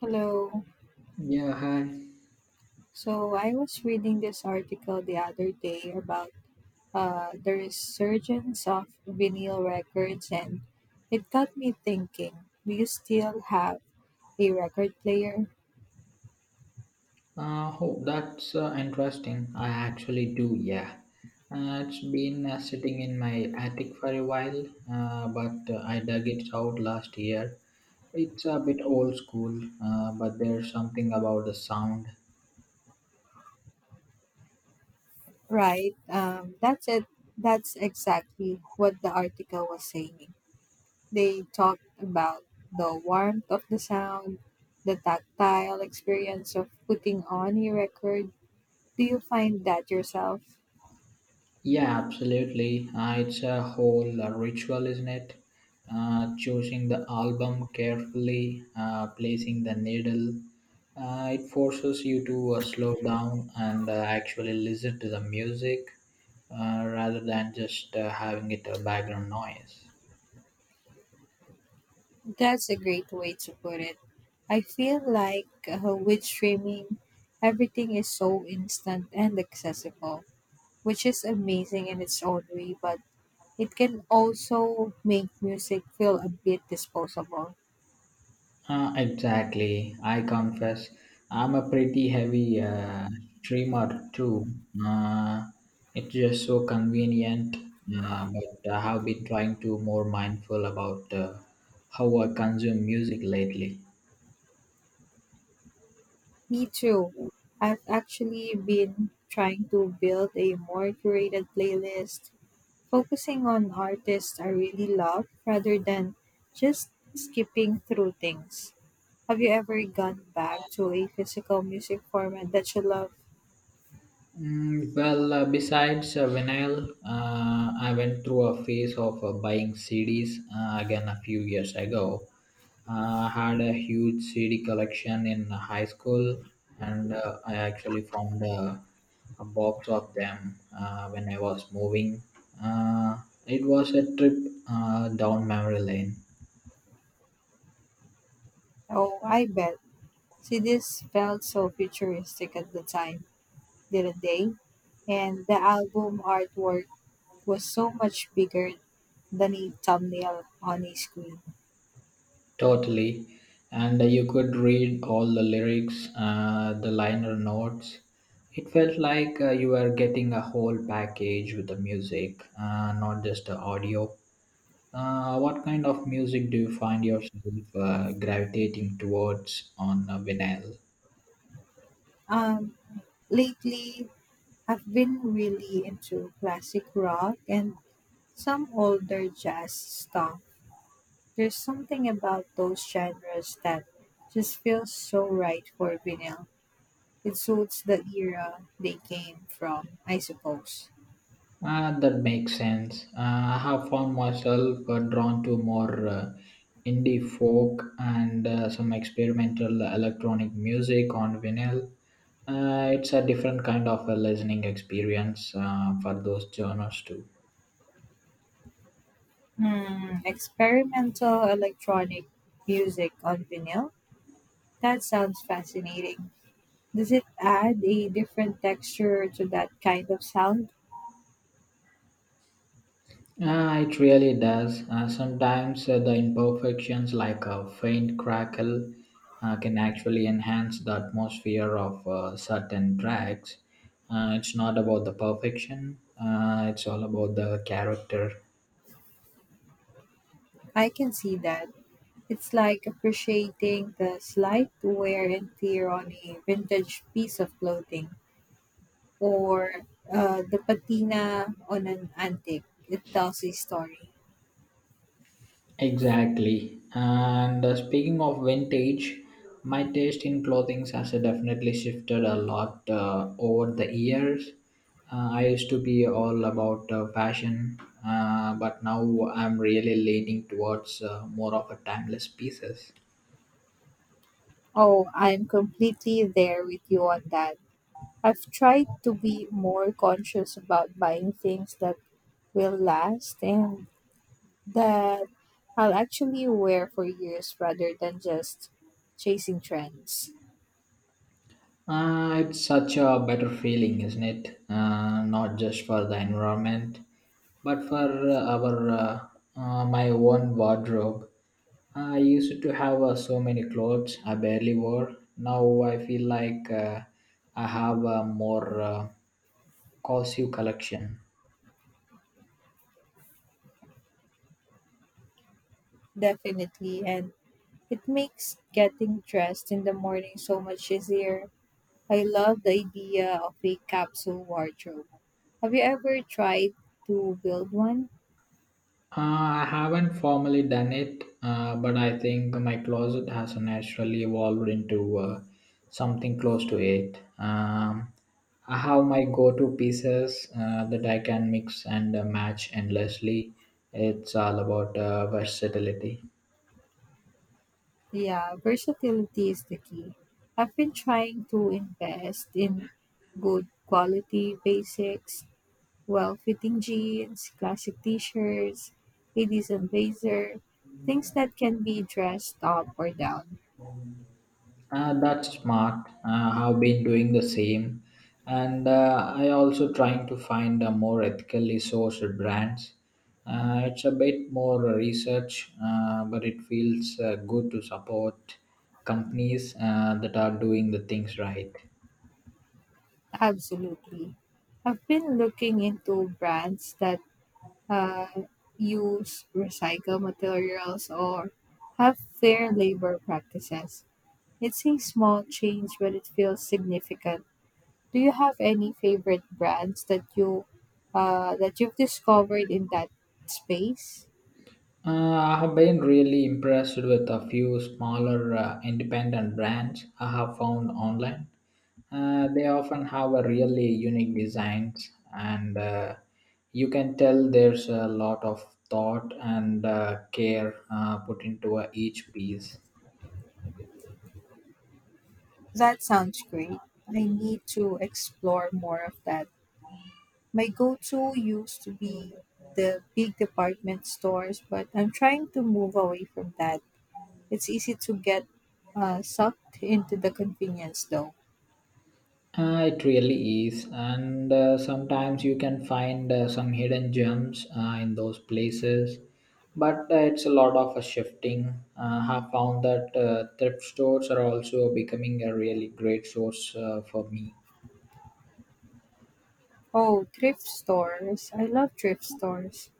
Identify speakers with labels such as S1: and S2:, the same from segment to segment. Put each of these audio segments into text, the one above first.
S1: Hello.
S2: Yeah, hi.
S1: So I was reading this article the other day about the resurgence of vinyl records, and it got me thinking. Do you still have a record player?
S2: Hope that's interesting. I actually do, yeah. It's been sitting in my attic for a while, but I dug it out last year. It's a bit old school, but there's something about the sound.
S1: Right. That's it. That's exactly what the article was saying. They talked about the warmth of the sound, the tactile experience of putting on a record. Do you find that yourself?
S2: Yeah, absolutely. It's a whole ritual, isn't it? Choosing the album carefully, placing the needle. It forces you to slow down and actually listen to the music rather than just having it a background noise.
S1: That's a great way to put it. I feel like with streaming, everything is so instant and accessible, which is amazing in its own way, but it can also make music feel a bit disposable.
S2: Exactly. I confess, I'm a pretty heavy dreamer too. Uh, it's just so convenient, but I have been trying to more mindful about how I consume music lately.
S1: Me too. I've actually been trying to build a more curated playlist, focusing on artists I really love rather than just skipping through things. Have you ever gone back to a physical music format that you love?
S2: Mm, well, besides vinyl, I went through a phase of buying CDs again a few years ago. I had a huge CD collection in high school, and I actually found a box of them when I was moving. Uh, it was a trip down memory lane.
S1: Oh, I bet. See, this felt so futuristic at the time, didn't they? And the album artwork was so much bigger than a thumbnail on a screen.
S2: Totally. And you could read all the lyrics, the liner notes. It felt like you were getting a whole package with the music, not just the audio. What kind of music do you find yourself gravitating towards on vinyl?
S1: Um, lately, I've been really into classic rock and some older jazz stuff. There's something about those genres that just feels so right for vinyl. It suits the era they came from, I suppose.
S2: Ah, that makes sense. I have found myself drawn to more indie folk and some experimental electronic music on vinyl. It's a different kind of a listening experience for those genres too.
S1: Hmm. Experimental electronic music on vinyl? That sounds fascinating. Does it add a different texture to that kind of sound?
S2: Ah, it really does. Sometimes the imperfections, like a faint crackle, can actually enhance the atmosphere of certain tracks. It's not about the perfection, it's all about the character.
S1: I can see that. It's like appreciating the slight wear and tear on a vintage piece of clothing or the patina on an antique. It tells a story.
S2: Exactly. And speaking of vintage, my taste in clothing has definitely shifted a lot over the years. I used to be all about fashion, but now I'm really leaning towards more of a timeless pieces.
S1: Oh, I'm completely there with you on that. I've tried to be more conscious about buying things that will last and that I'll actually wear for years rather than just chasing trends.
S2: It's such a better feeling, isn't it? Not just for the environment, but for our my own wardrobe. I used to have so many clothes I barely wore. Now I feel like I have a more cozy collection.
S1: Definitely. And it makes getting dressed in the morning so much easier. I love the idea of a capsule wardrobe. Have you ever tried to build one?
S2: Uh, I haven't formally done it, but I think my closet has naturally evolved into something close to it. I have my go to pieces that I can mix and match endlessly. It's all about versatility.
S1: Yeah, versatility is the key. I've been trying to invest in good quality basics, well fitting jeans, classic t shirts, a decent blazer, things that can be dressed up or down.
S2: That's smart. I've been doing the same, and I also trying to find a more ethically sourced brands. It's a bit more research, but it feels good to support companies that are doing the things right.
S1: Absolutely. I've been looking into brands that uh, use recycled materials or have fair labor practices. It's a small change, but it feels significant. Do you have any favorite brands that you that you've discovered in that space?
S2: I have been really impressed with a few smaller independent brands I have found online. They often have a really unique designs, and you can tell there's a lot of thought and care put into each piece.
S1: That sounds great. I need to explore more of that. My go-to used to be the big department stores, but I'm trying to move away from that. It's easy to get sucked into the convenience though.
S2: It really is, and sometimes you can find some hidden gems in those places. But it's a lot of a shifting. I've found that thrift stores are also becoming a really great source for me.
S1: Oh, thrift stores. I love thrift stores.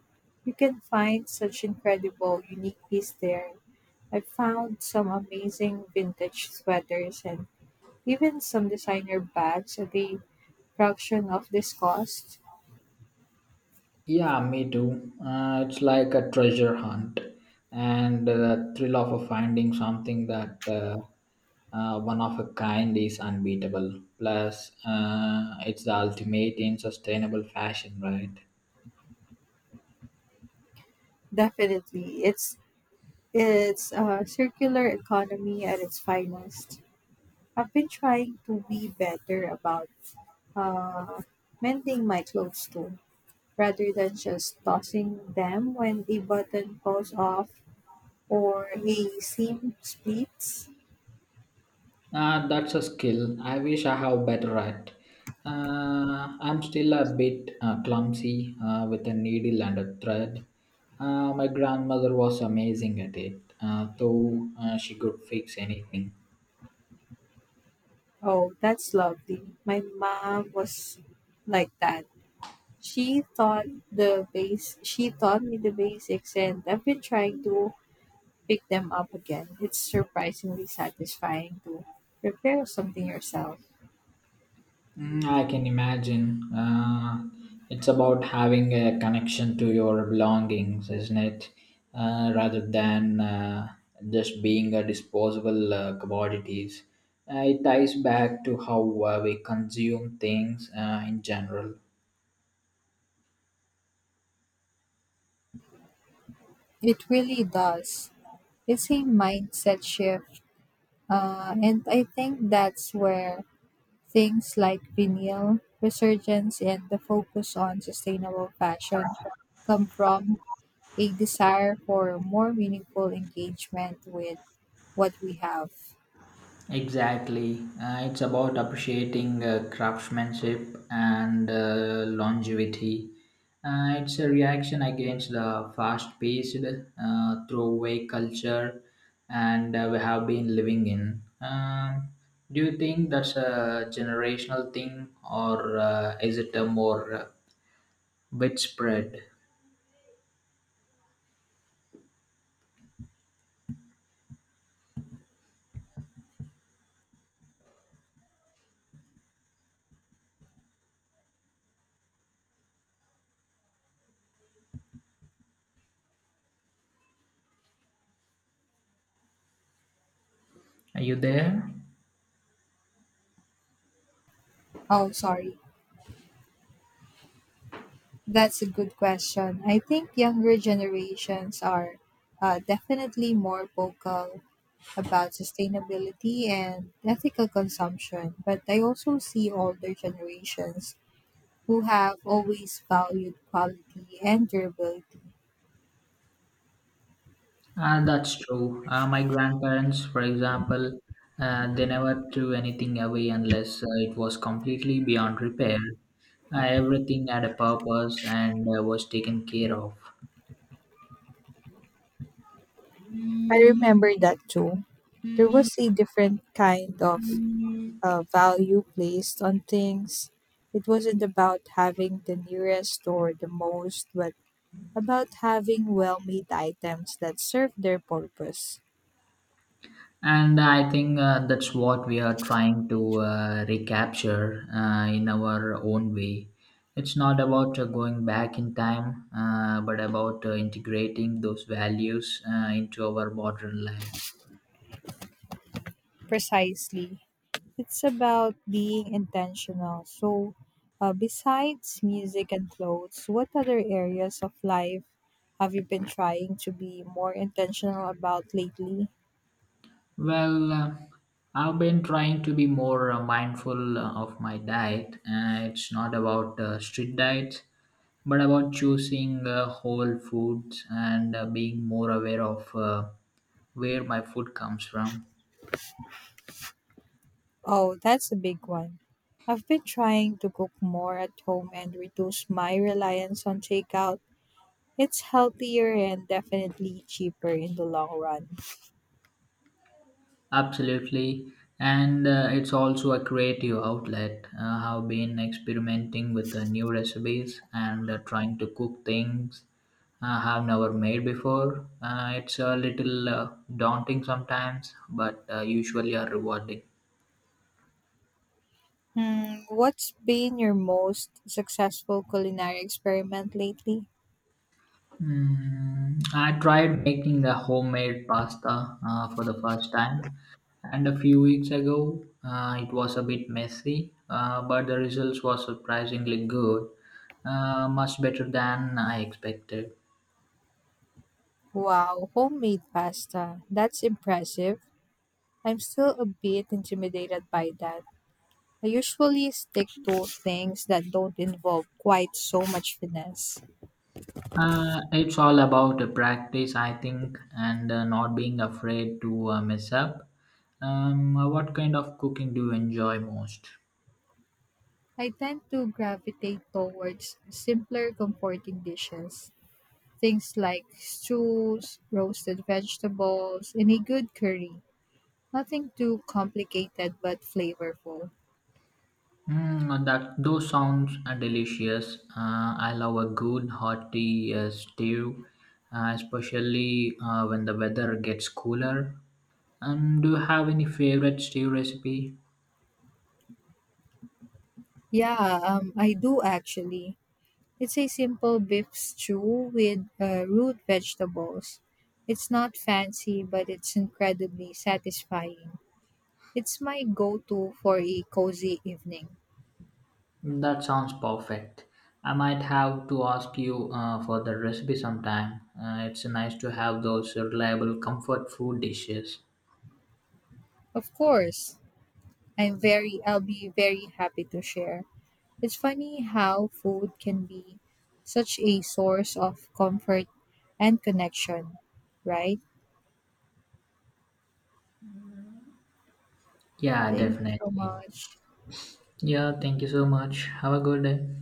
S1: You can find such incredible, unique pieces there. I found some amazing vintage sweaters and even some designer bags at a fraction of this cost.
S2: Yeah, me too. It's like a treasure hunt, and the thrill of finding something that one of a kind is unbeatable. Plus, it's the ultimate in sustainable fashion, right?
S1: Definitely, it's a circular economy at its finest. I've been trying to be better about uh, mending my clothes too, rather than just tossing them when a button falls off or a seam splits.
S2: That's a skill. I wish I have better at. I'm still a bit clumsy with a needle and a thread. My grandmother was amazing at it, though she could fix anything.
S1: Oh, that's lovely. My mom was like that. She taught me the basics and I've been trying to pick them up again. It's surprisingly satisfying to prepare something yourself.
S2: Mm, I can imagine. It's about having a connection to your belongings, isn't it? Rather than just being a disposable commodities. It ties back to how we consume things in general.
S1: It really does. It's a mindset shift. And I think that's where things like vinyl resurgence and the focus on sustainable fashion come from a desire for more meaningful engagement with what we have.
S2: Exactly. It's about appreciating craftsmanship and longevity. It's a reaction against the fast paced throwaway culture and we have been living in. Do you think that's a generational thing or is it a more widespread? Are you there?
S1: Oh, sorry. That's a good question. I think younger generations are definitely more vocal about sustainability and ethical consumption, but I also see older generations who have always valued quality and durability.
S2: That's true. My grandparents, for example, they never threw anything away unless it was completely beyond repair. Everything had a purpose and was taken care of.
S1: I remember that too. There was a different kind of value placed on things. It wasn't about having the nearest or the most, but about having well made items that serve their purpose.
S2: And I think that's what we are trying to recapture in our own way. It's not about going back in time, but about integrating those values into our modern lives.
S1: Precisely. It's about being intentional. So, besides music and clothes, what other areas of life have you been trying to be more intentional about lately?
S2: Well, I've been trying to be more mindful of my diet. It's not about strict diets, but about choosing whole foods and being more aware of where my food comes from.
S1: Oh, that's a big one. I've been trying to cook more at home and reduce my reliance on takeout. It's healthier and definitely cheaper in the long run.
S2: Absolutely, and it's also a creative outlet. I've been experimenting with new recipes and trying to cook things I have never made before. It's a little daunting sometimes, but usually are rewarding.
S1: Hmm, what's been your most successful culinary experiment lately?
S2: Mm, I tried making a homemade pasta for the first time, and a few weeks ago it was a bit messy, but the results was surprisingly good, much better than I expected.
S1: Wow, homemade pasta. That's impressive. I'm still a bit intimidated by that. I usually stick to things that don't involve quite so much finesse.
S2: It's all about the practice, I think, and not being afraid to mess up. What kind of cooking do you enjoy most?
S1: I tend to gravitate towards simpler, comforting dishes. Things like stews, roasted vegetables, and a good curry. Nothing too complicated but flavorful.
S2: Mm, that those sounds are delicious. I love a good hot tea stew, especially when the weather gets cooler. Do you have any favorite stew recipe?
S1: Yeah, I do actually. It's a simple beef stew with root vegetables. It's not fancy, but it's incredibly satisfying. It's my go-to for a cozy evening.
S2: That sounds perfect. I might have to ask you for the recipe sometime. It's nice to have those reliable comfort food dishes.
S1: Of course, I'll be very happy to share. It's funny how food can be such a source of comfort and connection, right?
S2: Yeah,
S1: Thank you so
S2: definitely.
S1: much.
S2: Yeah, thank you so much. Have a good day.